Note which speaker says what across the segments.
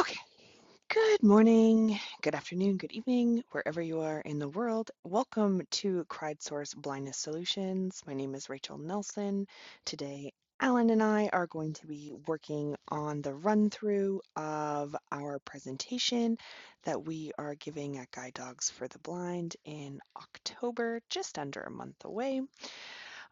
Speaker 1: Okay. Good morning, good afternoon, good evening, wherever you are in the world. Welcome to Criedsource Blindness Solutions. My name is Rachel Nelson. Today, Alan and I are going to be working on the run through of our presentation that we are giving at Guide Dogs for the Blind in October, just under a month away.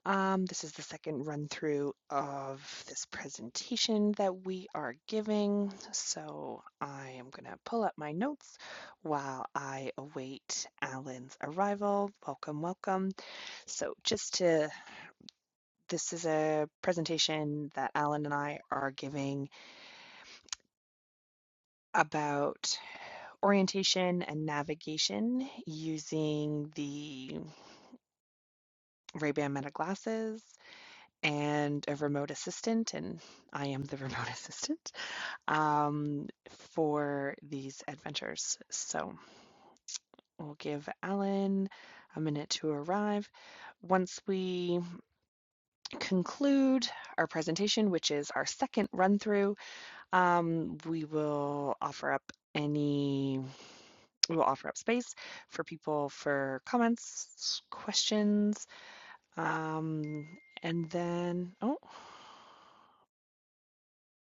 Speaker 1: Um, this is the second run through of this presentation that we are giving. So I am going to pull up my notes while I await Alan's arrival. Welcome, welcome. So just to, this is a presentation that Alan and I are giving about orientation and navigation using the Ray-Ban Meta glasses and a remote assistant. And I am the remote assistant. um, for these adventures. So we'll give Alan a minute to arrive. Once we conclude our presentation, which is our second run through, um, we will offer up any we will offer up space for people for comments questions um, and then oh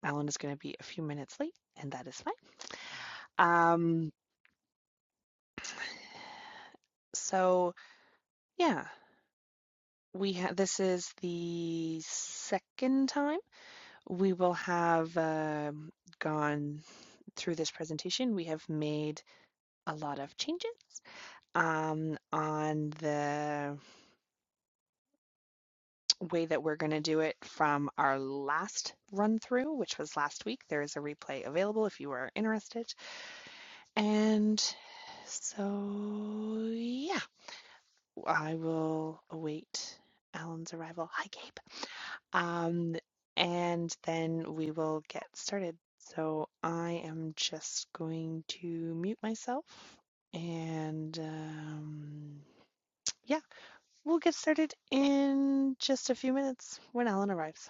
Speaker 1: alan is going to be a few minutes late and that is fine um, so yeah We have this is the second time we will have um, gone through this presentation. We have made a lot of changes um, on the way that we're going to do it from our last run through, which was last week. There is a replay available if you are interested. And so, yeah, I will await Alan's arrival. Hi, Gabe. Um, and then we will get started. So I am just going to mute myself and um, yeah, we'll get started in just a few minutes when Alan arrives.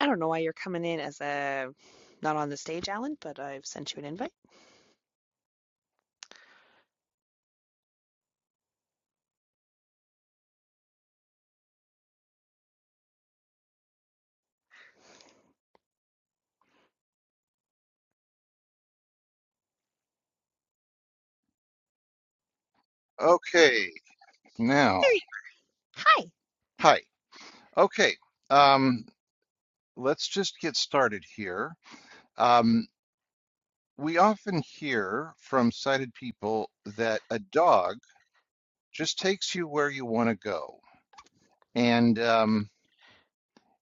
Speaker 1: I don't know why you're coming in as a not on the stage, Alan, but I've sent you an invite.
Speaker 2: Okay, now,
Speaker 1: There you Hi.
Speaker 2: hi. Okay, um, let's just get started here. Um, we often hear from sighted people that a dog just takes you where you want to go. And um,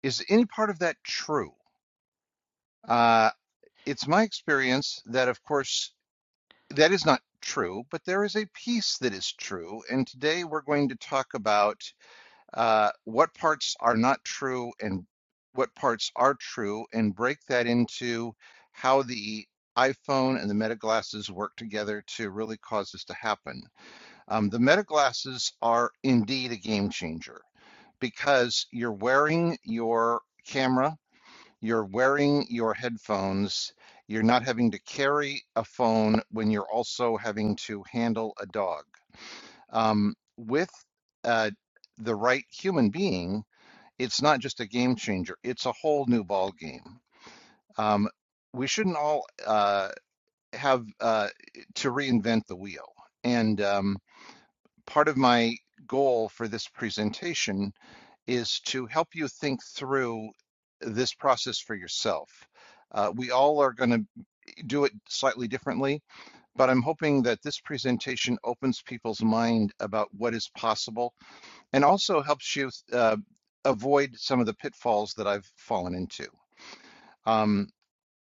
Speaker 2: is any part of that true? Uh, it's my experience that, of course, that is not true, but there is a piece that is true. And today we're going to talk about uh, what parts are not true and what parts are true, and break that into how the iPhone and the Meta glasses work together to really cause this to happen. Um, the Meta glasses are indeed a game changer because you're wearing your camera, you're wearing your headphones, you're not having to carry a phone when you're also having to handle a dog. Um, with uh, the right human being, it's not just a game changer; it's a whole new ball game. Um, we shouldn't all uh, have uh, to reinvent the wheel. And um, part of my goal for this presentation is to help you think through this process for yourself. Uh, we all are going to do it slightly differently, but I'm hoping that this presentation opens people's mind about what is possible and also helps you uh, avoid some of the pitfalls that I've fallen into. Um,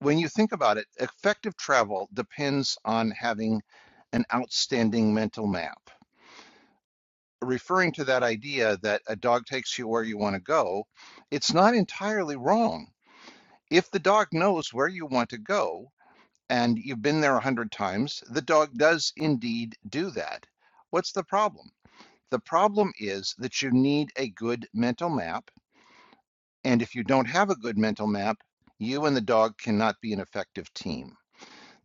Speaker 2: when you think about it, effective travel depends on having an outstanding mental map. Referring to that idea that a dog takes you where you want to go, it's not entirely wrong. If the dog knows where you want to go and you've been there a hundred times, the dog does indeed do that. What's the problem? The problem is that you need a good mental map. And if you don't have a good mental map, you and the dog cannot be an effective team.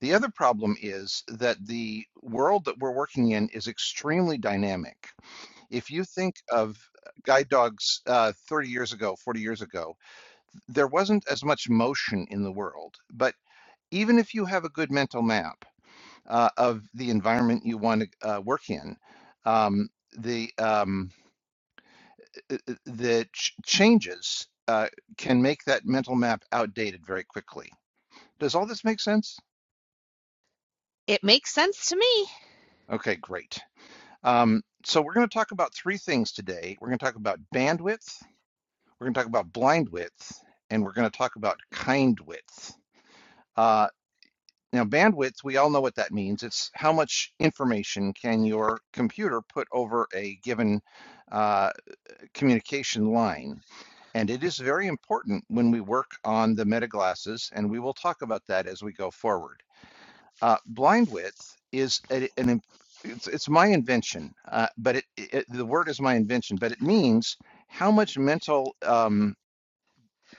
Speaker 2: The other problem is that the world that we're working in is extremely dynamic. If you think of guide dogs uh, 30 years ago, 40 years ago, there wasn't as much motion in the world. But even if you have a good mental map uh, of the environment you want to uh, work in, um, the um, uh, uh, the ch- changes uh, can make that mental map outdated very quickly. Does all this make sense?
Speaker 1: It makes sense to me.
Speaker 2: Okay, great. Um, so we're going to talk about three things today. We're going to talk about bandwidth, we're going to talk about blind width, and we're going to talk about kind width. Uh, now, bandwidth, we all know what that means. It's how much information can your computer put over a given uh, communication line. And it is very important when we work on the meta glasses, and we will talk about that as we go forward. Uh, blind width is a, an it's, it's my invention, uh, but it, it, the word is my invention, but it means how much mental um,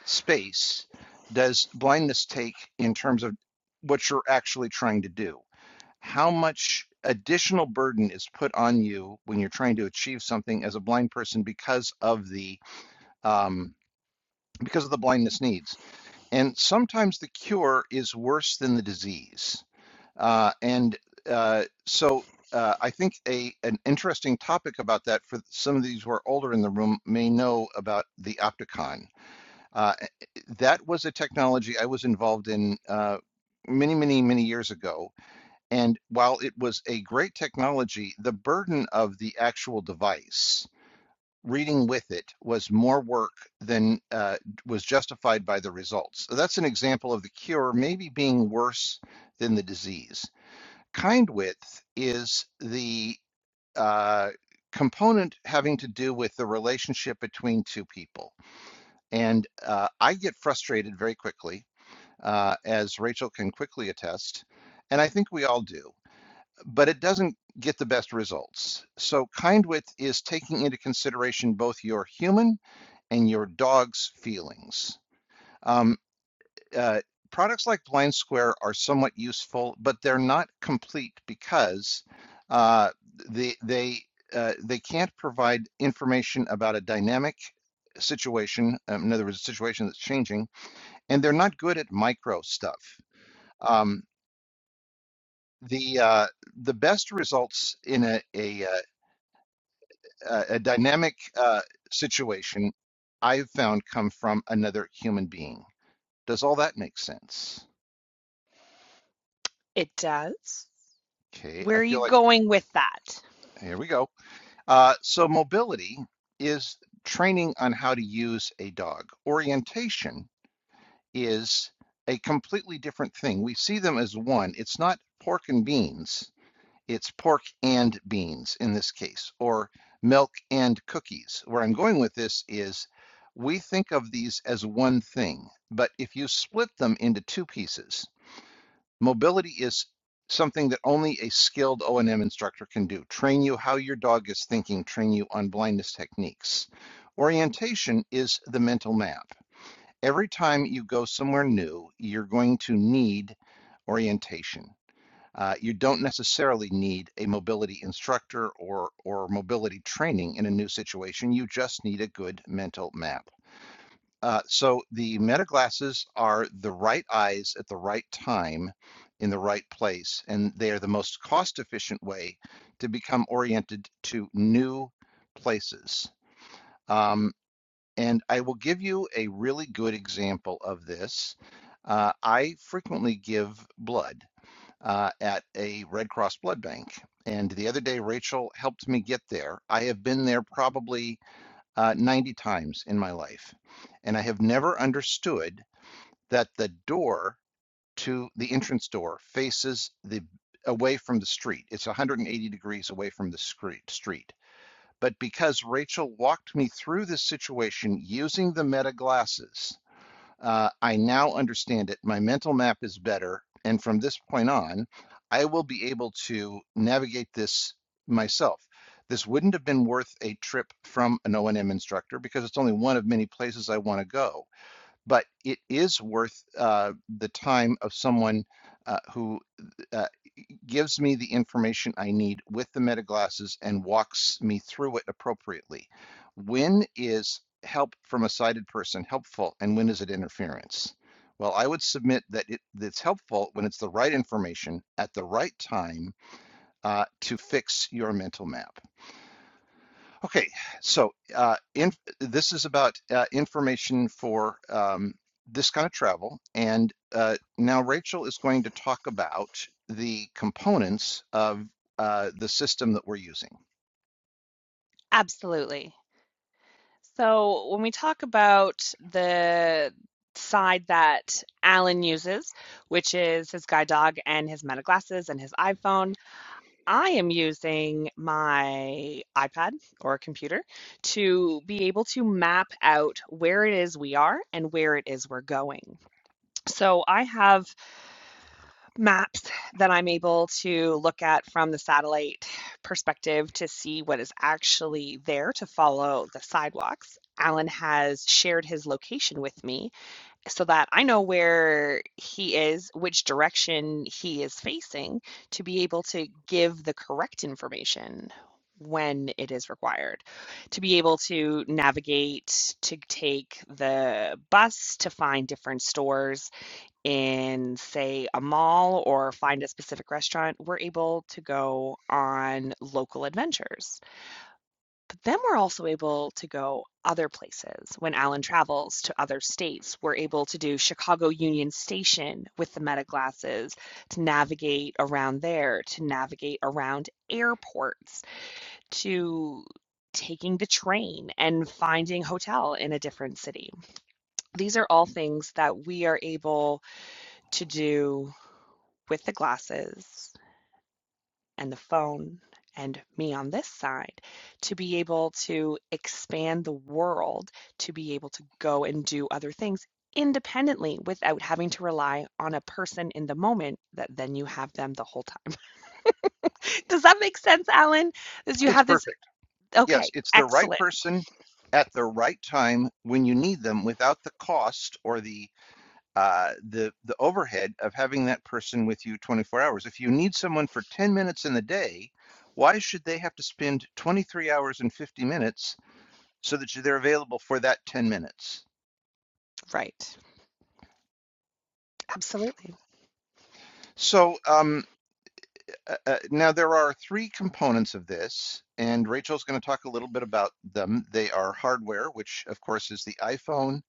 Speaker 2: space does blindness take in terms of what you're actually trying to do? How much additional burden is put on you when you're trying to achieve something as a blind person because of the um, because of the blindness needs? And sometimes the cure is worse than the disease uh, and uh, so uh, I think a an interesting topic about that for some of these who are older in the room may know about the Opticon. Uh, that was a technology I was involved in uh, many, many, many years ago. And while it was a great technology, the burden of the actual device, reading with it, was more work than uh, was justified by the results. So that's an example of the cure maybe being worse than the disease kind width is the uh, component having to do with the relationship between two people. And uh, I get frustrated very quickly, uh, as Rachel can quickly attest, and I think we all do, but it doesn't get the best results. So, kind width is taking into consideration both your human and your dog's feelings. Um, uh, products like Blind Square are somewhat useful, but they're not complete because uh, they they uh, they can't provide information about a dynamic situation. Um, in other words, a situation that's changing, and they're not good at micro stuff. Um, the uh, the best results in a a, uh, a a dynamic uh, situation I've found come from another human being. Does all that make sense?
Speaker 1: It does.
Speaker 2: Okay,
Speaker 1: Where
Speaker 2: I
Speaker 1: are you
Speaker 2: feel like
Speaker 1: going with that?
Speaker 2: here we go. Uh, so mobility is training on how to use a dog. Orientation is a completely different thing. We see them as one. It's not pork and beans. It's pork and beans in this case, or milk and cookies. Where I'm going with this is we think of these as one thing, but if you split them into two pieces, Mobility is something that only a skilled O&M instructor can do. Train you how your dog is thinking, train you on blindness techniques. Orientation is the mental map. Every time you go somewhere new, you're going to need orientation. Uh, you don't necessarily need a mobility instructor or, or mobility training in a new situation. You just need a good mental map. Uh, so the meta glasses are the right eyes at the right time in the right place, and they are the most cost efficient way to become oriented to new places. Um, and I will give you a really good example of this. Uh, I frequently give blood uh, at a Red Cross blood bank. And the other day, Rachel helped me get there. I have been there probably uh, 90 times in my life. And I have never understood that the door to the entrance door faces the away from the street. It's 180 degrees away from the street. street. But because Rachel walked me through this situation using the meta glasses, uh, I now understand it. My mental map is better. And from this point on, I will be able to navigate this myself. This wouldn't have been worth a trip from an O&M instructor because it's only one of many places I want to go. But it is worth uh, the time of someone uh, who uh, gives me the information I need with the metaglasses and walks me through it appropriately. When is help from a sighted person helpful and when is it interference? Well, I would submit that it, it's helpful when it's the right information at the right time uh, to fix your mental map. Okay, so uh, in, this is about uh, information for um, this kind of travel. And uh, now Rachel is going to talk about the components of uh, the system that we're using.
Speaker 1: Absolutely. So when we talk about the side that Alan uses, which is his guide dog and his Meta glasses and his iPhone, I am using my iPad or computer to be able to map out where it is we are and where it is we're going. So I have maps that I'm able to look at from the satellite perspective to see what is actually there to follow the sidewalks. Alan has shared his location with me so that I know where he is, which direction he is facing, to be able to give the correct information when it is required, to be able to navigate, to take the bus, to find different stores in, say, a mall or find a specific restaurant, we're able to go on local adventures. But then we're also able to go other places. When Alan travels to other states, we're able to do Chicago Union Station with the Meta glasses to navigate around there, to navigate around airports, to taking the train and finding hotel in a different city. These are all things that we are able to do with the glasses and the phone and me on this side to be able to expand the world, to be able to go and do other things independently without having to rely on a person in the moment that then you have them the whole time. Does that make sense, Alan? Does you
Speaker 2: It's
Speaker 1: have this
Speaker 2: perfect. Yes,
Speaker 1: okay,
Speaker 2: it's the right
Speaker 1: excellent.
Speaker 2: person at the right time when you need them without the cost or the uh, the the overhead of having that person with you 24 hours. If you need someone for 10 minutes in the day, why should they have to spend 23 hours and 50 minutes so that they're available for that 10 minutes.
Speaker 1: Right. Absolutely.
Speaker 2: So um, uh, uh, now there are three components of this, and Rachel's going to talk a little bit about them. They are hardware, which of course is the iPhone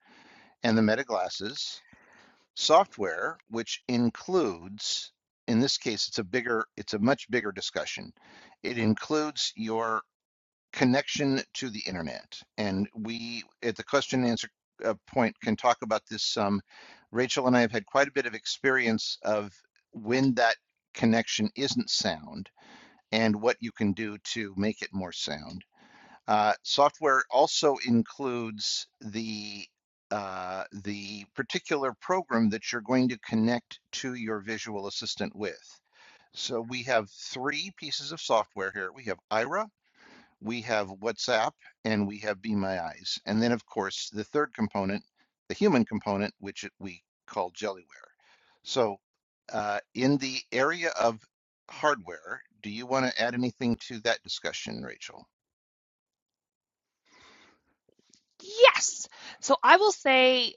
Speaker 2: and the Meta glasses, software, which includes, in this case, it's a bigger, it's a much bigger discussion. It includes your connection to the internet. And we, at the question and answer uh, point, can talk about this some. Rachel and I have had quite a bit of experience of when that connection isn't sound and what you can do to make it more sound. Uh, software also includes the uh, the particular program that you're going to connect to your visual assistant with. So we have three pieces of software here. We have Ira, we have WhatsApp and we have Be My Eyes. And then, of course, the third component, the human component, which we call Jellyware. So, uh, in the area of hardware, do you want to add anything to that discussion, Rachel?
Speaker 1: Yes. So I will say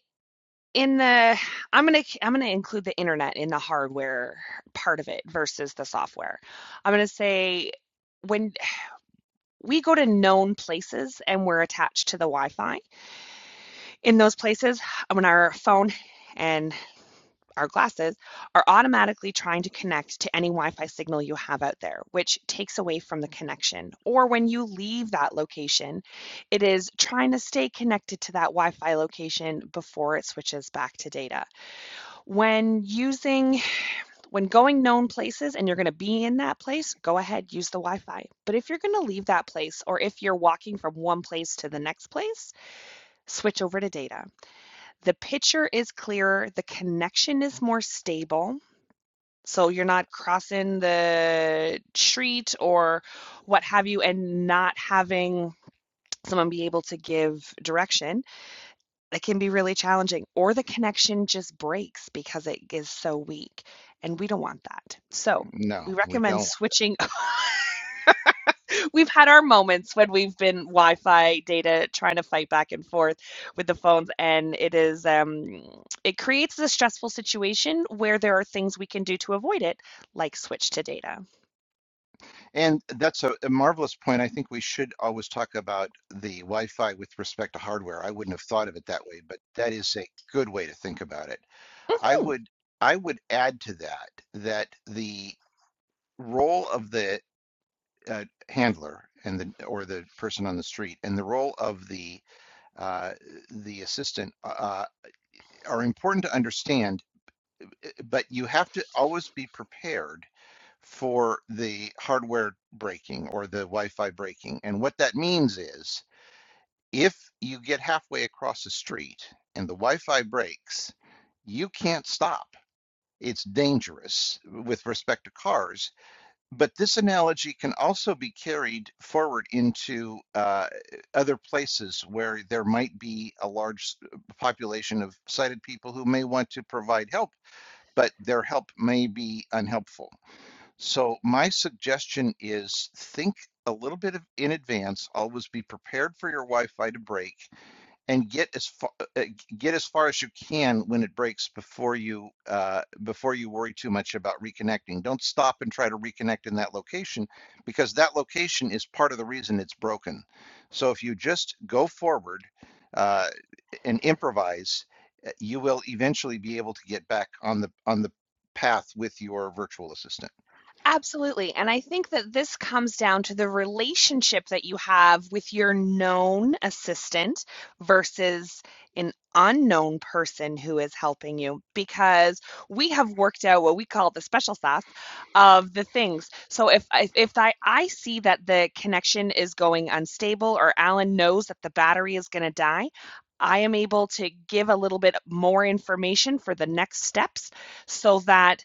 Speaker 1: in the i'm going to i'm going to include the internet in the hardware part of it versus the software i'm going to say when we go to known places and we're attached to the wi-fi in those places when our phone and our glasses are automatically trying to connect to any Wi Fi signal you have out there, which takes away from the connection. Or when you leave that location, it is trying to stay connected to that Wi Fi location before it switches back to data. When using, when going known places and you're going to be in that place, go ahead, use the Wi Fi. But if you're going to leave that place or if you're walking from one place to the next place, switch over to data. The picture is clearer, the connection is more stable. So you're not crossing the street or what have you and not having someone be able to give direction It can be really challenging, or the connection just breaks because it is so weak, and we don't want that. So
Speaker 2: No,
Speaker 1: we
Speaker 2: we
Speaker 1: recommend
Speaker 2: don't.
Speaker 1: switching. We've had our moments when we've been Wi-Fi data trying to fight back and forth with the phones, and it is um, it creates a stressful situation where there are things we can do to avoid it, like switch to data.
Speaker 2: And that's a, a marvelous point. I think we should always talk about the Wi Fi with respect to hardware. I wouldn't have thought of it that way, but that is a good way to think about it. I
Speaker 1: Mm-hmm.
Speaker 2: would I would add to that that the role of the uh, handler and the or the person on the street and the role of the uh, the assistant uh, uh, are important to understand, eh, but you have to always be prepared for the hardware breaking or the Wi-Fi breaking. And what that means is if you get halfway across the street and the Wi-Fi breaks, you can't stop. It's dangerous with respect to cars But this analogy can also be carried forward into uh, other places where there might be a large population of sighted people who may want to provide help, but their help may be unhelpful. So, my suggestion is think a little bit of, in advance, always be prepared for your Wi Fi to break and get as far uh, get as far as you can when it breaks before you uh, before you worry too much about reconnecting. Don't stop and try to reconnect in that location because that location is part of the reason it's broken. So if you just go forward uh, and improvise, uh, you will eventually be able to get back on the on the path with your virtual assistant.
Speaker 1: Absolutely. And I think that this comes down to the relationship that you have with your known assistant versus an unknown person who is helping you because we have worked out what we call the special sauce of the things. So if if, if I, I see that the connection is going unstable or Alan knows that the battery is going to die, I am able to give a little bit more information for the next steps so that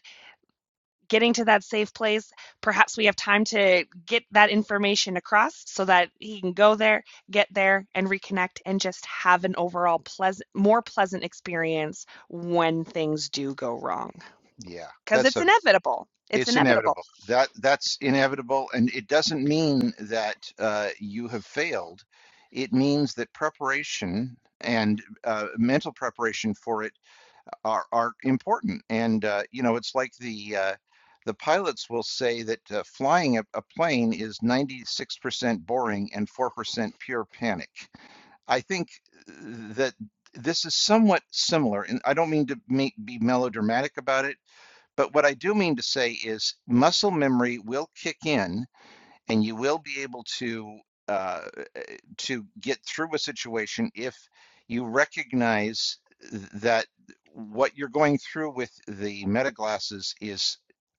Speaker 1: getting to that safe place. Perhaps we have time to get that information across so that he can go there, get there, and reconnect and just have an overall pleasant, more pleasant experience when things do go wrong.
Speaker 2: Yeah,
Speaker 1: Because
Speaker 2: that's
Speaker 1: it's
Speaker 2: a
Speaker 1: inevitable. It's
Speaker 2: It's
Speaker 1: inevitable.
Speaker 2: inevitable. That that's inevitable, and it doesn't mean that uh, you have failed. It means that preparation and uh, mental preparation for it are are important. And uh, you know, it's like the uh, the pilots will say that uh, flying a, a plane is 96% boring and 4% pure panic. I think that this is somewhat similar, and I don't mean to make, be melodramatic about it but what I do mean to say is muscle memory will kick in and you will be able to uh, to get through a situation if you recognize that what you're going through with the metaglasses is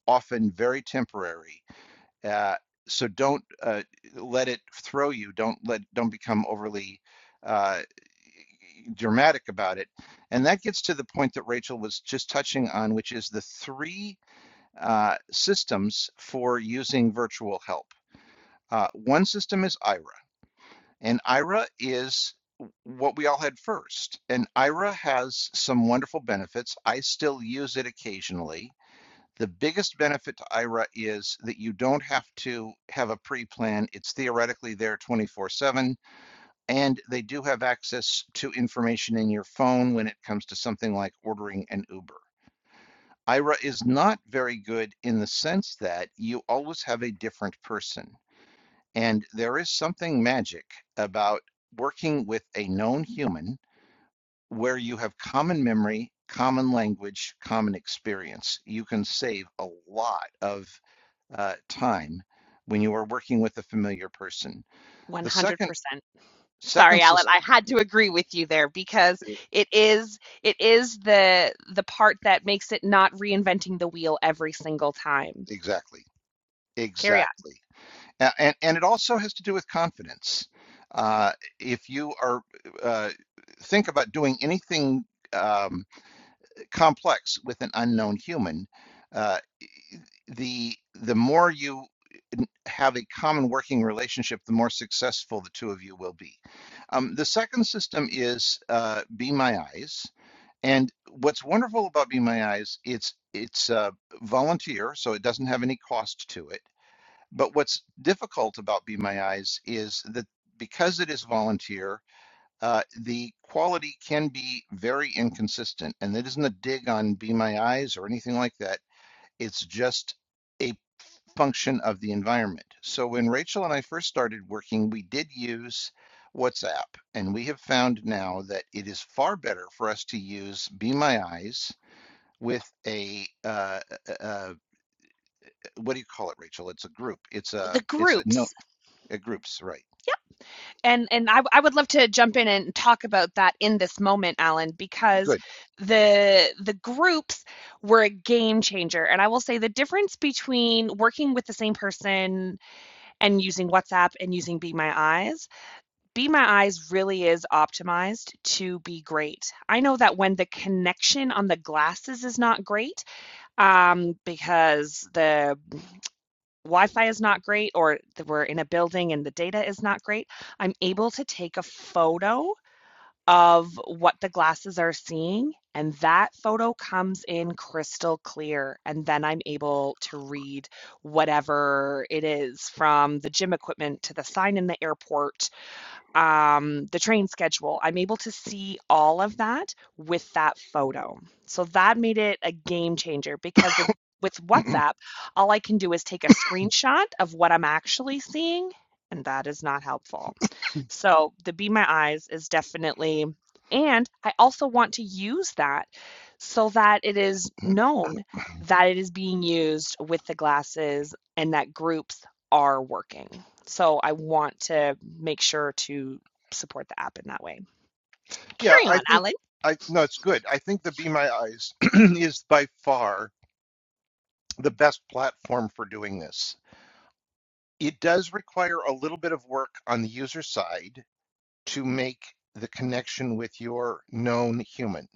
Speaker 2: often very temporary. Uh, so don't uh, let it throw you. Don't let don't become overly uh, dramatic about it. And that gets to the point that Rachel was just touching on, which is the three uh, systems for using virtual help. Uh, one system is IRA, and IRA is what we all had first. And IRA has some wonderful benefits. I still use it occasionally. The biggest benefit to IRA is that you don't have to have a pre plan. It's theoretically there 24 7, and they do have access to information in your phone when it comes to something like ordering an Uber. Ira is not very good in the sense that you always have a different person. And there is something magic about working with a known human where you have common memory, common language, common experience. You can save a lot of uh, time when you are working with a familiar person. The
Speaker 1: 100%.
Speaker 2: second
Speaker 1: Sorry,
Speaker 2: second
Speaker 1: Alan,
Speaker 2: system
Speaker 1: I had to agree with you there because it is it is the the part that makes it not reinventing the wheel every single time.
Speaker 2: exactly
Speaker 1: Carry on.
Speaker 2: exactly A- And, and it also has to do with confidence. Uh, if you are uh, think about doing anything um, complex with an unknown human, uh, the the more you have a common working relationship, the more successful the two of you will be. Um, the second system is uh, Be My Eyes, and what's wonderful about Be My Eyes, it's it's uh, volunteer, so it doesn't have any cost to it but what's difficult about Be My Eyes is that because it is volunteer, uh, the quality can be very inconsistent. And that isn't a dig on Be My Eyes or anything like that. It's just a function of the environment. So when Rachel and I first started working, we did use WhatsApp. And we have found now that it is far better for us to use Be My Eyes with a uh, uh, uh, what do you call it, Rachel? It's a group. It's a
Speaker 1: the
Speaker 2: it's a note.
Speaker 1: groups
Speaker 2: At groups, right.
Speaker 1: and and I, I would love to jump in and talk about that in this moment alan because
Speaker 2: Good.
Speaker 1: the the groups were a game changer and i will say the difference between working with the same person and using whatsapp and using be my eyes be my eyes really is optimized to be great i know that when the connection on the glasses is not great um, because the Wi-Fi is not great or we're in a building and the data is not great, I'm able to take a photo of what the glasses are seeing, and that photo comes in crystal clear. And then I'm able to read whatever it is from the gym equipment to the sign in the airport um, the train schedule. I'm able to see all of that with that photo. So that made it a game changer because with with WhatsApp, all I can do is take a screenshot of what I'm actually seeing, and that is not helpful. So the Be My Eyes is definitely, and I also want to use that so that it is known that it is being used with the glasses and that groups are working. So I want to make sure to support the app in that way.
Speaker 2: yeah,
Speaker 1: Carry
Speaker 2: I
Speaker 1: on,
Speaker 2: think
Speaker 1: Alan.
Speaker 2: I no, it's good. I think the Be My Eyes is by far the best platform for doing this. It does require a little bit of work on the user side to make the connection with your known human.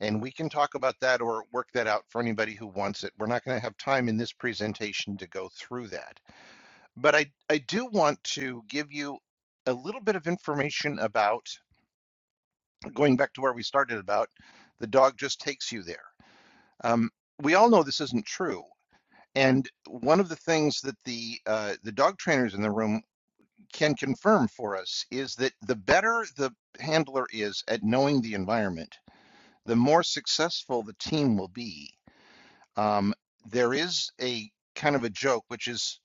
Speaker 2: And we can talk about that or work that out for anybody who wants it. We're not going to have time in this presentation to go through that. But I, I do want to give you a little bit of information about going back to where we started about the dog just takes you there. Um, we all know this isn't true. And one of the things that the uh, the dog trainers in the room can confirm for us is that the better the handler is at knowing the environment, the more successful the team will be. Um, there is a kind of a joke, which is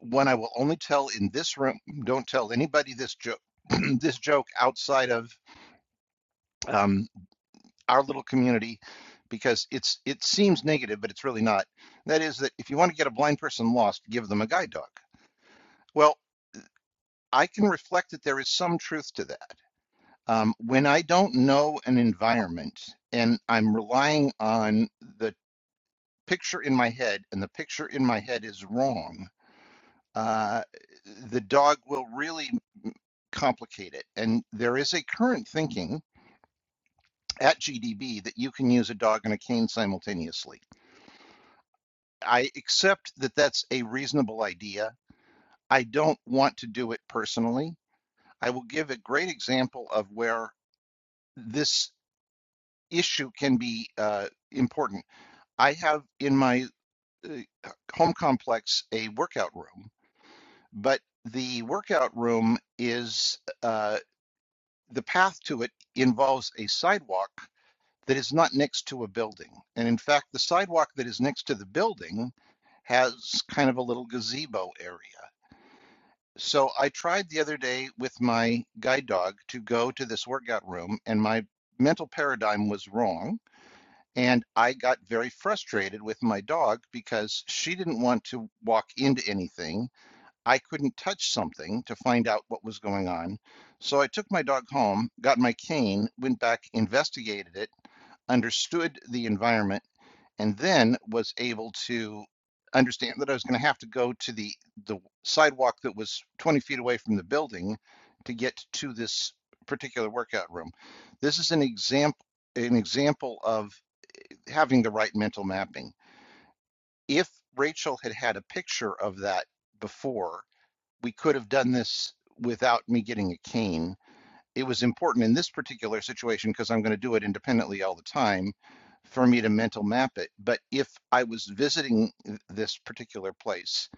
Speaker 2: one I will only tell in this room. Don't tell anybody this joke. this joke outside of um, our little community because it's it seems negative, but it's really not. That is that if you want to get a blind person lost, give them a guide dog. Well, I can reflect that there is some truth to that. Um, when I don't know an environment and I'm relying on the picture in my head, and the picture in my head is wrong, uh, the dog will really complicate it. And there is a current thinking at GDB that you can use a dog and a cane simultaneously I accept that that's a reasonable idea. I don't want to do it personally. I will give a great example of where this issue can be uh, important. I have in my uh, home complex a workout room, but the workout room is uh, the path to it involves a sidewalk that is not next to a building. And in fact, the sidewalk that is next to the building has kind of a little gazebo area. So I tried the other day with my guide dog to go to this workout room, and my mental paradigm was wrong. And I got very frustrated with my dog because she didn't want to walk into anything. I couldn't touch something to find out what was going on. So I took my dog home, got my cane, went back, investigated it, understood the environment and then was able to understand that I was going to have to go to the the sidewalk that was 20 feet away from the building to get to this particular workout room. This is an example an example of having the right mental mapping. If Rachel had had a picture of that before, we could have done this without me getting a cane it was important in this particular situation because I'm going to do it independently all the time for me to mental map it. But if I was visiting this particular place,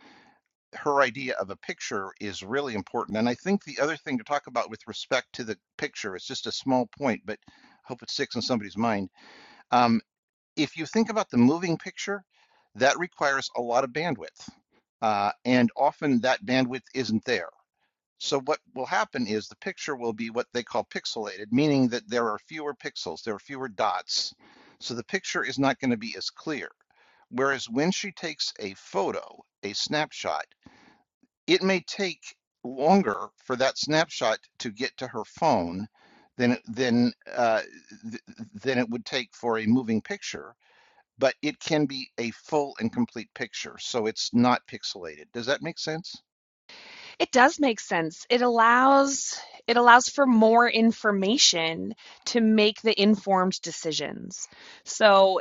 Speaker 2: her idea of a picture is really important. And I think the other thing to talk about with respect to the picture, it's just a small point, but I hope it sticks in somebody's mind. Um, if you think about the moving picture, that requires a lot of bandwidth. Uh, and often that bandwidth isn't there. So what will happen is the picture will be what they call pixelated, meaning that there are fewer pixels, there are fewer dots. So the picture is not going to be as clear. Whereas when she takes a photo, a snapshot, it may take longer for that snapshot to get to her phone than than uh, th- than it would take for a moving picture. But it can be a full and complete picture, so it's not pixelated. Does that make sense?
Speaker 1: It does make sense. It allows it allows for more information to make the informed decisions. So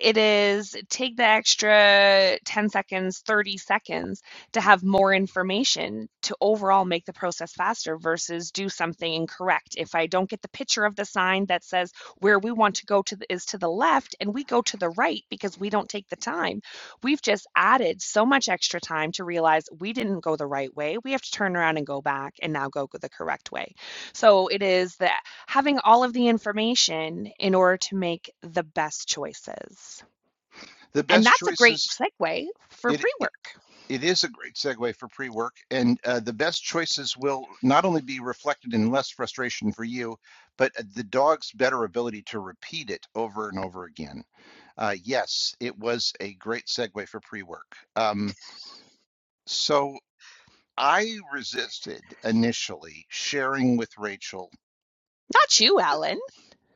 Speaker 1: It is take the extra 10 seconds, 30 seconds to have more information to overall make the process faster versus do something incorrect. If I don't get the picture of the sign that says where we want to go to the, is to the left and we go to the right because we don't take the time, we've just added so much extra time to realize we didn't go the right way. We have to turn around and go back and now go the correct way. So it is the having all of the information in order to make the best choices.
Speaker 2: The
Speaker 1: And
Speaker 2: best
Speaker 1: that's a great
Speaker 2: choices
Speaker 1: segue for
Speaker 2: it.
Speaker 1: pre work.
Speaker 2: It is a great segue for pre-work, and uh, the best choices will not only be reflected in less frustration for you, but uh, the dog's better ability to repeat it over and over again. Uh, yes, it was a great segue for pre-work. Um, so I resisted initially sharing with Rachel,
Speaker 1: Not you, Alan.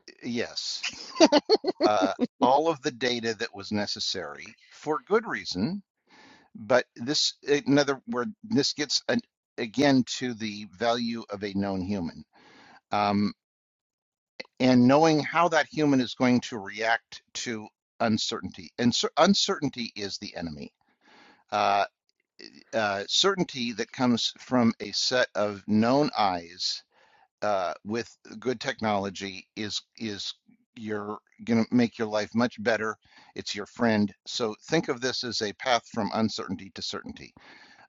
Speaker 2: uh, yes, uh, all of the data that was necessary for good reason But this, in other words, this gets an, again to the value of a known human um, and knowing how that human is going to react to uncertainty. And cer- uncertainty is the enemy. Uh, uh, certainty that comes from a set of known eyes uh, with good technology is is you're going to make your life much better. It's your friend. So think of this as a path from uncertainty to certainty.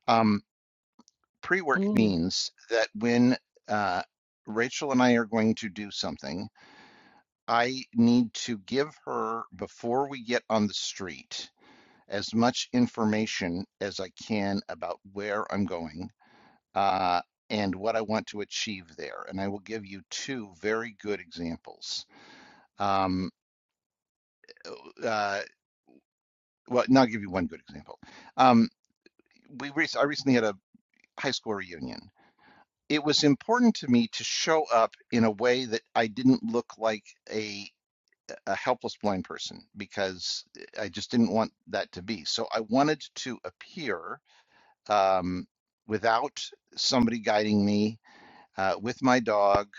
Speaker 2: Um, pre-work
Speaker 1: Mm.
Speaker 2: means that when uh, Rachel and I are going to do something, I need to give her before we get on the street as much information as I can about where I'm going uh, and what I want to achieve there. And I will give you two very good examples. Um, uh, well, no, I'll give you one good example. Um, we rec- I recently had a high school reunion, it was important to me to show up in a way that I didn't look like a a helpless blind person because I just didn't want that to be. So I wanted to appear um, without somebody guiding me uh, with my dog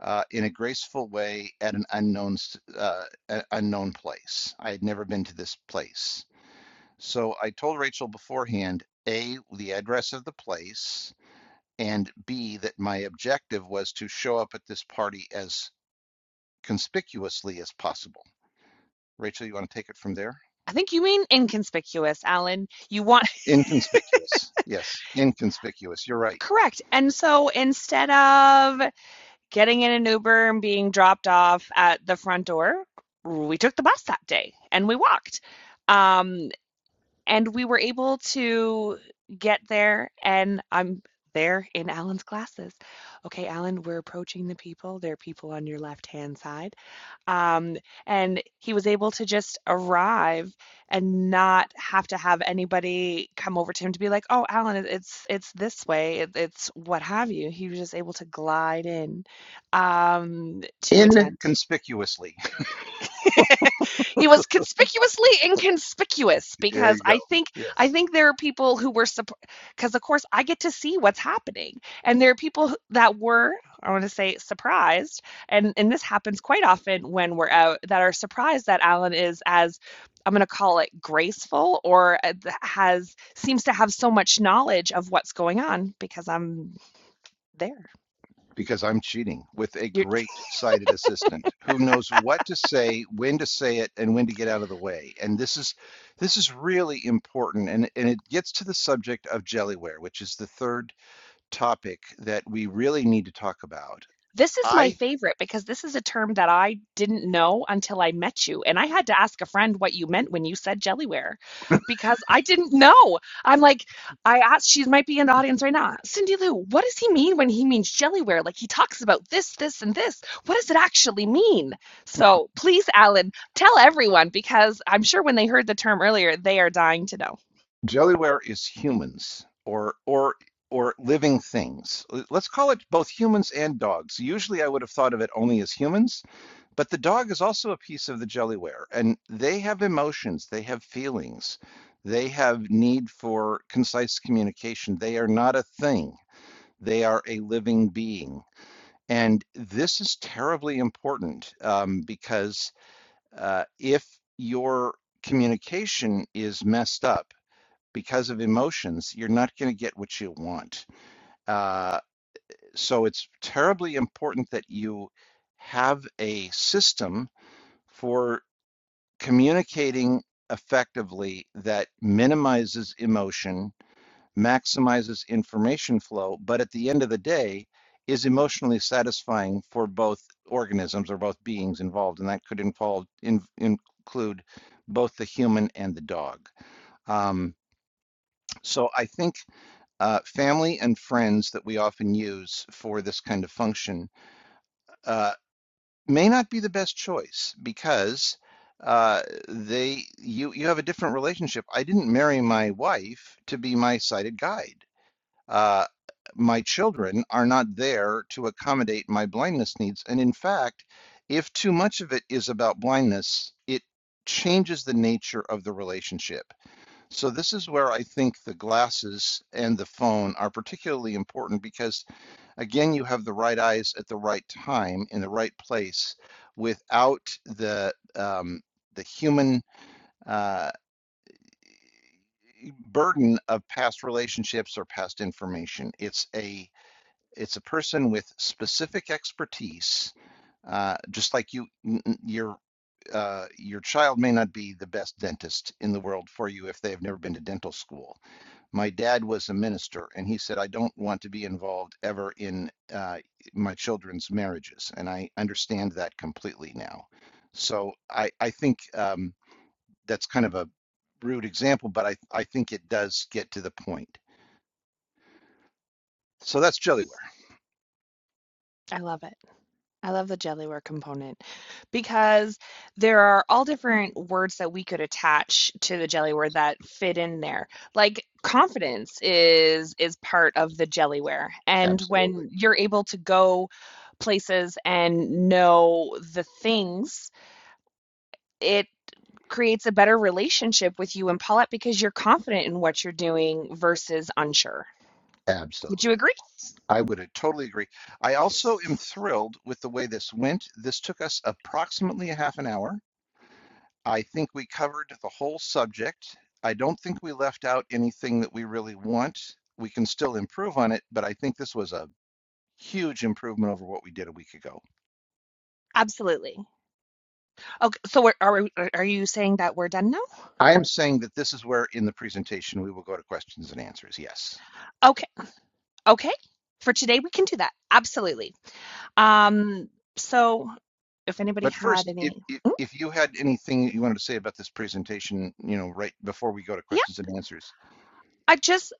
Speaker 2: uh, in a graceful way at an unknown uh, unknown place. I had never been to this place, so I told Rachel beforehand. A, the address of the place, and B, that my objective was to show up at this party as conspicuously as possible. Rachel, you want to take it from there?
Speaker 1: I think you mean inconspicuous, Alan. You want
Speaker 2: Inconspicuous. Yes, inconspicuous. You're right.
Speaker 1: correct. And so instead of getting in an Uber and being dropped off at the front door, we took the bus that day and we walked. Um, and we were able to get there and i'm there in alan's glasses okay alan we're approaching the people there are people on your left hand side um, and he was able to just arrive and not have to have anybody come over to him to be like oh alan it's it's this way it, it's what have you he was just able to glide in um, to attend
Speaker 2: Inconspicuously.
Speaker 1: he was conspicuously inconspicuous
Speaker 2: There
Speaker 1: because
Speaker 2: you go.
Speaker 1: i think i
Speaker 2: Yes.
Speaker 1: think there are people who were because of course i get to see what's happening and there are people that were i want to say surprised and and this happens quite often when we're out that are surprised that alan is as i'm going to call it graceful or uh, has seems to have so much knowledge of what's going on because i'm there
Speaker 2: Because I'm cheating with a
Speaker 1: you're.
Speaker 2: great sighted assistant who knows what to say, when to say it, and when to get out of the way. And this is this is really important. And, and it gets to the subject of jellyware, which is the third topic that we really need to talk about.
Speaker 1: This is my
Speaker 2: I
Speaker 1: favorite because this is a term that I didn't know until I met you. And I had to ask a friend what you meant when you said jellyware because I didn't know. I'm like, I asked, she might be in the audience right now. Cindy Lou, what does he mean when he means jellyware? Like he talks about this, this, and this. What does it actually mean? So please, Alan, tell everyone because I'm sure when they heard the term earlier, they are dying to know.
Speaker 2: Jellyware is humans or or or living things. Let's call it both humans and dogs. Usually I would have thought of it only as humans, but the dog is also a piece of the Jellyware and they have emotions, they have feelings. They have need for concise communication. They are not a thing. They are a living being. And this is terribly important um, because uh, if your communication is messed up, because of emotions, you're not going to get what you want. Uh, so it's terribly important that you have a system for communicating effectively that minimizes emotion, maximizes information flow, but at the end of the day, is emotionally satisfying for both organisms or both beings involved, and that could involve in, include both the human and the dog. Um, so I think Uh, family and friends that we often use for this kind of function uh, may not be the best choice because uh, they you you have a different relationship. I didn't marry my wife to be my sighted guide. Uh, my children are not there to accommodate my blindness needs, and in fact, if too much of it is about blindness, it changes the nature of the relationship so this is where I think the glasses and the phone are particularly important because again, you have the right eyes at the right time in the right place without the um, the human uh, burden of past relationships or past information. It's a it's a person with specific expertise uh, just like you, your uh, your child may not be the best dentist in the world for you if they have never been to dental school. My dad was a minister, and he said, I don't want to be involved ever in uh, my children's marriages. And I understand that completely now. So I, I think um, that's kind of a rude example, but I, I think it does get to the point. So that's Jellyware.
Speaker 1: I love it. I love the Jellyware component because there are all different words that we could attach to the Jellyware that fit in there. Like confidence is is part of the Jellyware. And
Speaker 2: Absolutely.
Speaker 1: when you're able to go places and know the things, it creates a better relationship with you and Paulette because you're confident in what you're doing versus unsure. Would you
Speaker 2: Absolutely.
Speaker 1: agree?
Speaker 2: I would uh, totally agree. I also am thrilled with the way this went. This took us approximately a half an hour. I think we covered the whole subject. I don't think we left out anything that we really want. We can still improve on it, but I think this was a huge improvement over what we did a week ago.
Speaker 1: Absolutely. Okay, so we're, are we, are you saying that we're done now?
Speaker 2: I am saying that this is where in the presentation we will go to questions and answers, yes.
Speaker 1: Okay. Okay. For today, we can do that. Absolutely. Um, so if anybody
Speaker 2: But
Speaker 1: had
Speaker 2: first, if,
Speaker 1: any,
Speaker 2: if,
Speaker 1: Mm,
Speaker 2: if you had anything that you wanted to say about this presentation, you know, right before we go to
Speaker 1: yeah,
Speaker 2: questions and answers.
Speaker 1: I just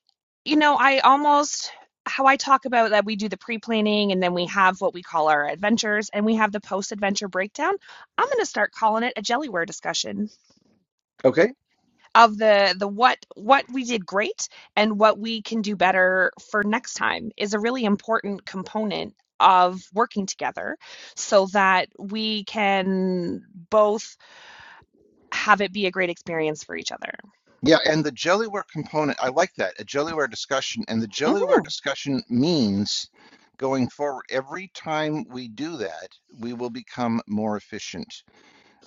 Speaker 1: you know, I almost how I talk about that we do the pre-planning and then we have what we call our adventures and we have the post-adventure breakdown. I'm going to start calling it a jellyware discussion
Speaker 2: Okay.
Speaker 1: of the the what what we did great and what we can do better for next time is a really important component of working together so that we can both have it be a great experience for each other.
Speaker 2: Yeah, and the Jellyware component, I like that, a Jellyware discussion. And the
Speaker 1: Mhm.
Speaker 2: Jellyware discussion means going forward, every time we do that, we will become more efficient.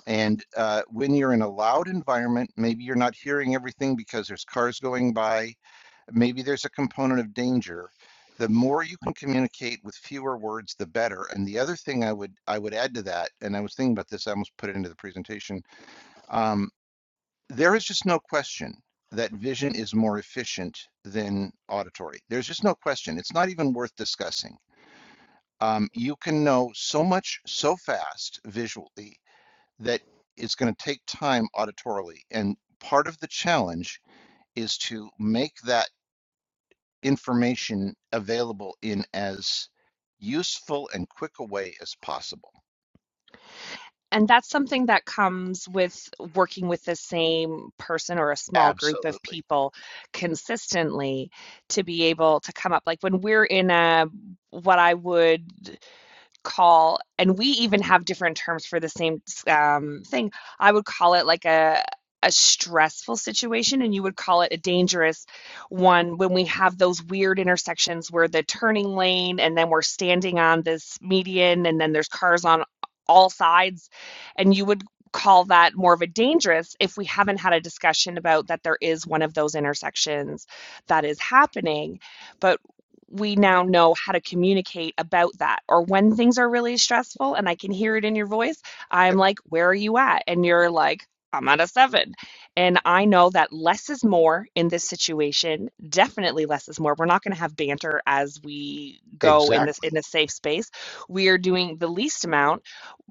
Speaker 2: And uh, when you're in a loud environment, maybe you're not hearing everything because there's cars going by, maybe there's a component of danger. The more you can communicate with fewer words, the better. And the other thing I would I would add to that, and I was thinking about this, I almost put it into the presentation. um, there is just no question that vision is more efficient than auditory. There's just no question. It's not even worth discussing. Um, you can know so much so fast visually that it's going to take time auditorily. And part of the challenge is to make that information available in as useful and quick a way as possible.
Speaker 1: And that's something that comes with working with the same person or a small group of
Speaker 2: Absolutely.
Speaker 1: people consistently to be able to come up. Like when we're in a what I would call and we even have different terms for the same um, thing i would call it like a a stressful situation and you would call it a dangerous one when we have those weird intersections where the turning lane and then we're standing on this median and then there's cars on all sides and you would call that more of a dangerous if we haven't had a discussion about that there is one of those intersections that is happening but we now know how to communicate about that. Or when things are really stressful and I can hear it in your voice, I'm
Speaker 2: Yep.
Speaker 1: like, Where are you at? And you're like, I'm at a seven. And I know that less is more in this situation. Definitely less is more. We're not going to have banter as we go in this
Speaker 2: Exactly.
Speaker 1: in a safe space. We are doing the least amount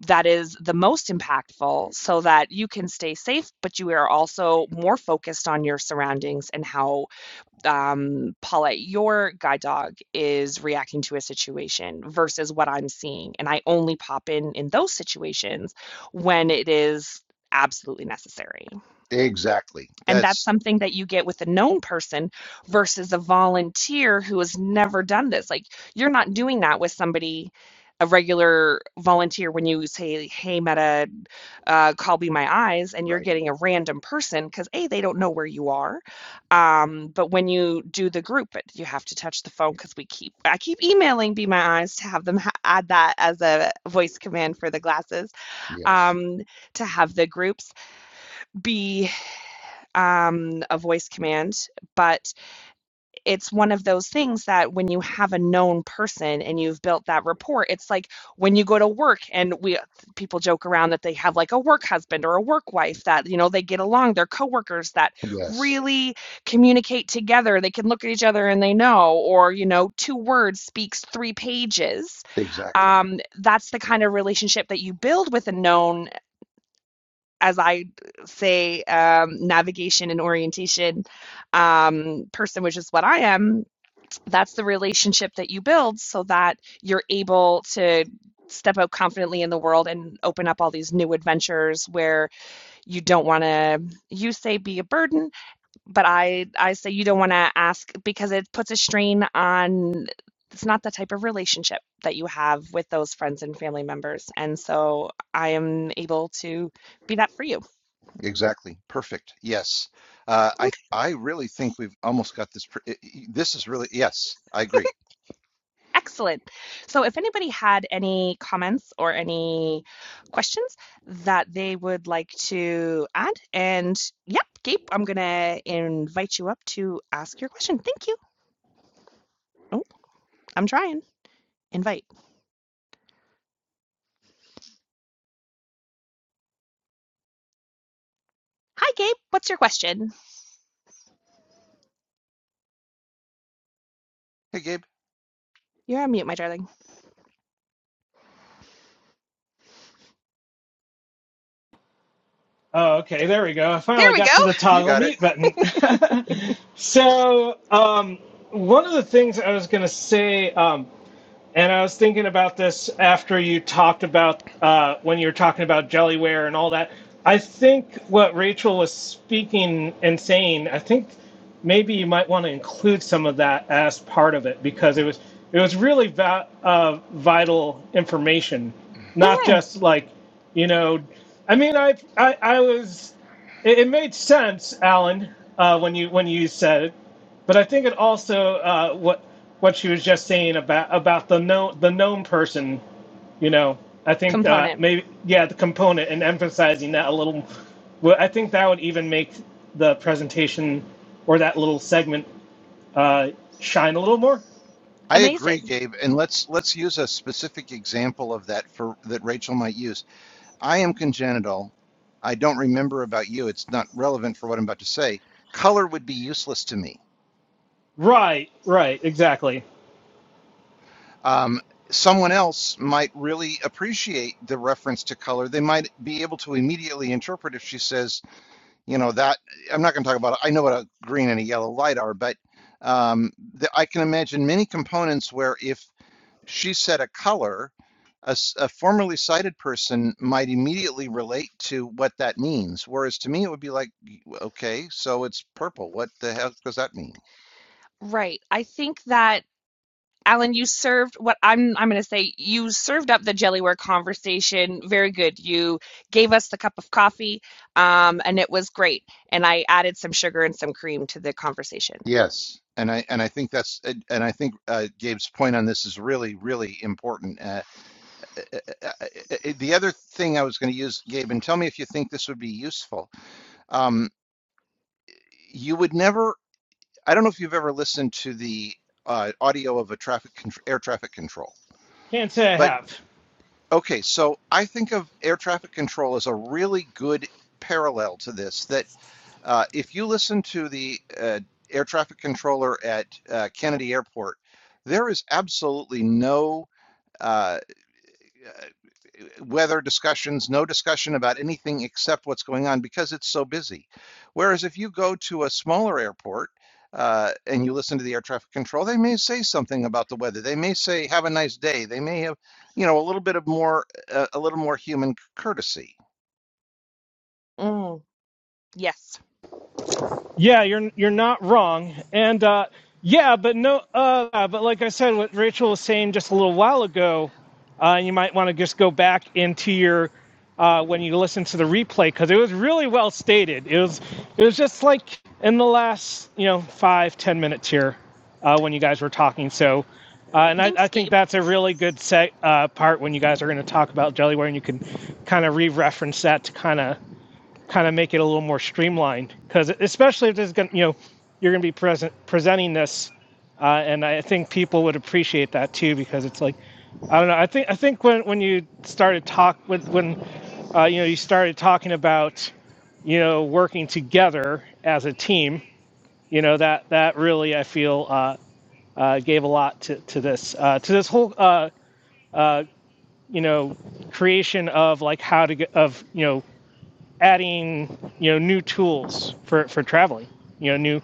Speaker 1: that is the most impactful so that you can stay safe, but you are also more focused on your surroundings and how um, Paulette, your guide dog is reacting to a situation versus what I'm seeing. And I only pop in in those situations when it is absolutely necessary.
Speaker 2: Exactly.
Speaker 1: And that's
Speaker 2: That's
Speaker 1: something that you get with a known person versus a volunteer who has never done this. Like you're not doing that with somebody, a regular volunteer, when you say, Hey, Meta, uh, call me my eyes, and you're
Speaker 2: right.
Speaker 1: getting a random person because, A, they don't know where you are. Um, but when you do the group, it, you have to touch the phone because we keep, I keep emailing Be My Eyes to have them ha- add that as a voice command for the glasses
Speaker 2: Yes.
Speaker 1: um, to have the groups be um, a voice command, but it's one of those things that when you have a known person and you've built that rapport, it's like when you go to work and we people joke around that they have like a work husband or a work wife that you know they get along, they're coworkers that
Speaker 2: Yes.
Speaker 1: really communicate together. They can look at each other and they know, or you know, two words speaks three pages
Speaker 2: Exactly.
Speaker 1: um, that's the kind of relationship that you build with a known as I say, um, navigation and orientation um, person, which is what I am, that's the relationship that you build so that you're able to step out confidently in the world and open up all these new adventures where you don't want to you say be a burden but i i say you don't want to ask because it puts a strain on it's not the type of relationship that you have with those friends and family members and so i am able to be that for you
Speaker 2: Exactly. Perfect. Yes. Uh, I I really think we've almost got this. Pre i- i- this is really yes. I agree.
Speaker 1: Excellent. So, if anybody had any comments or any questions that they would like to add, and yep, Gabe, I'm going to invite you up to ask your question. Thank you. Oh, I'm trying. Invite. Hi, Gabe. What's your question?
Speaker 2: Hey, Gabe,
Speaker 1: You're on mute, my darling.
Speaker 3: Oh, okay, there we go. I
Speaker 1: There
Speaker 3: finally
Speaker 1: we go.
Speaker 3: got to the
Speaker 2: you
Speaker 3: toggle
Speaker 2: got it.
Speaker 3: mute button. so, um, one of the things I was going to say, um, and I was thinking about this after you talked about uh, when you were talking about jellyware and all that. I think what Rachel was speaking and saying, I think maybe you might want to include some of that as part of it because it was it was really va- uh, vital information, not
Speaker 1: Mhm.
Speaker 3: just like you know. I mean, I I, I was it, it made sense, Alan, uh, when you when you said it but I think it also uh, what what she was just saying about about the known the known person. You know, I think uh,
Speaker 1: Component.
Speaker 3: maybe yeah, the component and emphasizing that a little. Well, I think that would even make the presentation or that little segment uh, shine a little more.
Speaker 2: I agree,
Speaker 1: Amazing.
Speaker 2: Gabe. And let's let's use a specific example of that for that Rachel might use. I am congenital. I don't remember about you. It's not relevant for what I'm about to say. Color would be useless to me.
Speaker 3: Right, right, exactly.
Speaker 2: Um, someone else might really appreciate the reference to color. They might be able to immediately interpret if she says. you know that i'm not going to talk about it. i know what a green and a yellow light are but um, the, i can imagine many components where if she said a color a a formerly sighted person might immediately relate to what that means whereas to me it would be like okay so it's purple what the hell does that mean
Speaker 1: Right. I think that Alan, you served what I'm I'm going to say you served up the Jellyware conversation very good. You gave us the cup of coffee, um, and it was great. And I added some sugar and some cream to the conversation.
Speaker 2: Yes. and i and i think that's and i think uh, gabe's point on this is really really important uh, uh, uh, uh, uh, uh, the other thing i was going to use gabe and tell me if you think this would be useful Um, you would never, I don't know if you've ever listened to the uh, audio of a traffic air traffic control,
Speaker 3: Can't say I
Speaker 2: but
Speaker 3: have.
Speaker 2: okay, so I think of air traffic control as a really good parallel to this, that uh, if you listen to the uh, air traffic controller at uh, Kennedy Airport, there is absolutely no uh, uh, weather discussions, no discussion about anything except what's going on because it's so busy. Whereas if you go to a smaller airport uh, and you listen to the air traffic control, they may say something about the weather. They may say, "Have a nice day." They may have, you know, a little bit of more, uh, a little more human courtesy.
Speaker 1: Mm, yes.
Speaker 3: Yeah, you're you're not wrong, and uh, yeah, but no, uh, yeah, but like I said, what Rachel was saying just a little while ago, uh, you might want to just go back into your uh, when you listen to the replay because it was really well stated. It was it was just like in the last you know five ten minutes here uh, when you guys were talking. So, uh, and I, I
Speaker 1: Thanks,
Speaker 3: think
Speaker 1: Gabe.
Speaker 3: that's a really good set uh, part when you guys are going to talk about jellyware, and you can kind of re-reference that to kind of kind of make it a little more streamlined because especially if there's going you know you're going to be present presenting this uh, and i think people would appreciate that too because it's like i don't know i think i think when when you started talk when when uh, you know you started talking about you know working together as a team you know that that really i feel uh, uh, gave a lot to, to this uh, to this whole uh, you know creation of like how to get of you know adding you know new tools for for traveling. You know new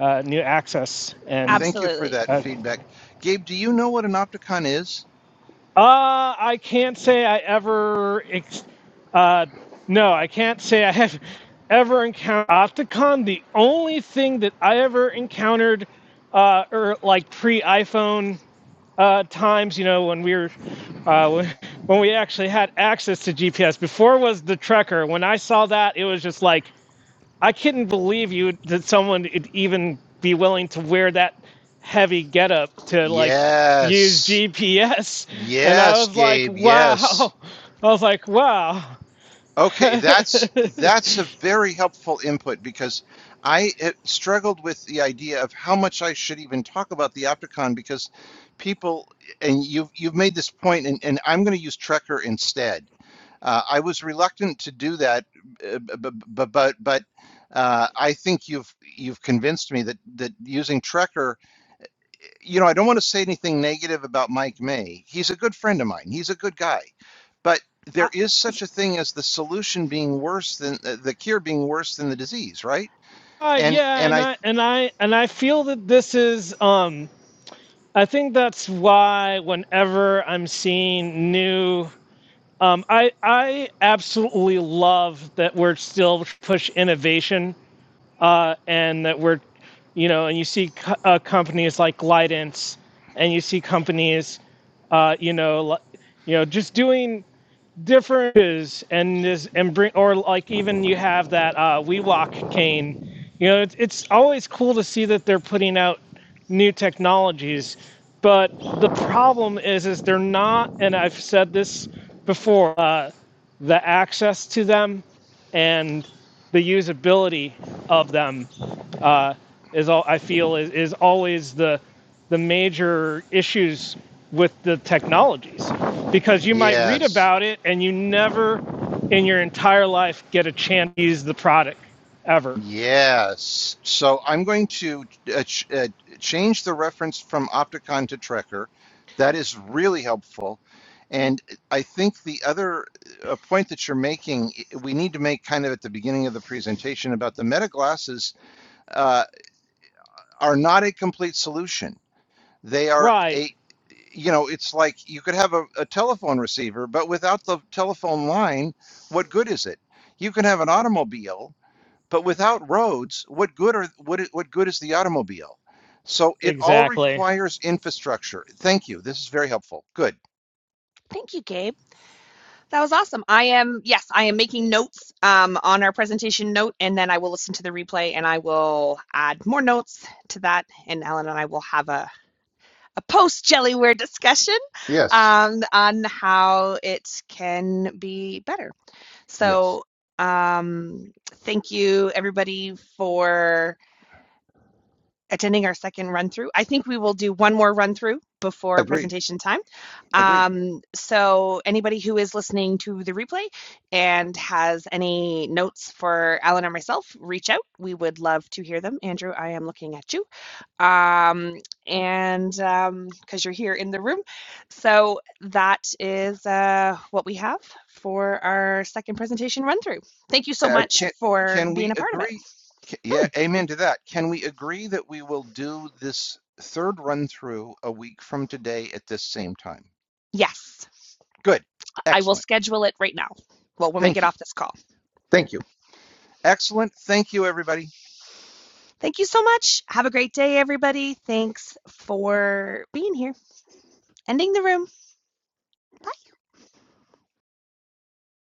Speaker 3: uh, new access and
Speaker 2: Thank you for
Speaker 1: Absolutely.
Speaker 2: that
Speaker 3: uh,
Speaker 2: feedback, Gabe. Do you know what an opticon is?
Speaker 3: uh, I can't say I ever ex- uh, no I can't say I have ever encountered Opticon. The only thing that I ever encountered uh, or like pre iPhone uh, times, you know, when we were uh, when we actually had access to GPS before was the Trekker. When I saw that, it was just like I couldn't believe you that someone would even be willing to wear that heavy getup to like use
Speaker 2: Yes,
Speaker 3: GPS. And I
Speaker 2: yes,
Speaker 3: was like,
Speaker 2: Gabe. Yes.
Speaker 3: wow. I was like, wow.
Speaker 2: Okay,
Speaker 3: uh,
Speaker 2: that's that's a very helpful input because I eh, struggled with the idea of how much I should even talk about the Opticon because people and you've you've made this point and, and I'm going to use Trekker instead. Uh, I was reluctant to do that, but but but uh, I think you've you've convinced me that that using Trekker you know, I don't want to say anything negative about Mike May. He's a good friend of mine. He's a good guy. But there is such a thing as the solution being worse than uh, the cure being worse than the disease, right? And
Speaker 3: yeah,
Speaker 2: and
Speaker 3: and
Speaker 2: I
Speaker 3: I and I and I feel that this is um I think that's why whenever I'm seeing new um I I absolutely love that we're still push innovation uh, and that we're, you know, and you see co- uh, companies like Glidance, and you see companies, uh, you know, you know, just doing differences and this and bring or like even you have that uh WeWalk cane. You know, it's it's always cool to see that they're putting out new technologies, but the problem is is they're not and I've said this before, uh the access to them and the usability of them uh, is all I feel is, is always the the major issues with the technologies because you might read
Speaker 2: yes.
Speaker 3: about it and you never in your entire life get a chance to use the product ever.
Speaker 2: Yes. So I'm going to uh, ch uh, change the reference from Opticon to Trekker. That is really helpful. And I think the other uh, point that you're making, i- we need to make kind of at the beginning of the presentation about the meta glasses Uh, are not a complete solution. They are
Speaker 3: Right.
Speaker 2: a, you know, it's like you could have a, a telephone receiver, but without the telephone line, what good is it? You can have an automobile, but without roads, what good are what what good is the automobile? So it all
Speaker 3: Exactly.
Speaker 2: requires infrastructure. Thank you. This is very helpful. Good.
Speaker 1: Thank you, Gabe. That was awesome. I am, yes, I am making notes um, on our presentation note, and then I will listen to the replay and I will add more notes to that. And Alan and I will have a a post jellyware discussion
Speaker 2: Yes.
Speaker 1: um, on how it can be better.
Speaker 2: Yes.
Speaker 1: So, um, thank you everybody for attending our second run through. I think we will do one more run through before
Speaker 2: Agreed.
Speaker 1: presentation time.
Speaker 2: Agreed.
Speaker 1: Um, so, anybody who is listening to the replay and has any notes for Alan or myself, reach out. We would love to hear them. Andrew, I am looking at you um, and um, because you're here in the room. So that is uh, what we have for our second presentation run through. Thank you so
Speaker 2: Uh,
Speaker 1: much
Speaker 2: can
Speaker 1: for
Speaker 2: can
Speaker 1: being
Speaker 2: we
Speaker 1: a part of it.
Speaker 2: agree? ca- Yeah, amen to that. Can we agree that we will do this third run through a week from today at this same time?
Speaker 1: Yes,
Speaker 2: Good.
Speaker 1: I will
Speaker 2: Excellent.
Speaker 1: schedule it right now. Well, when we
Speaker 2: Thank
Speaker 1: get
Speaker 2: you.
Speaker 1: off this call.
Speaker 2: Thank you. Excellent. Thank you, everybody.
Speaker 1: Thank you so much. Have a great day, everybody. Thanks for being here. Ending the room. Bye.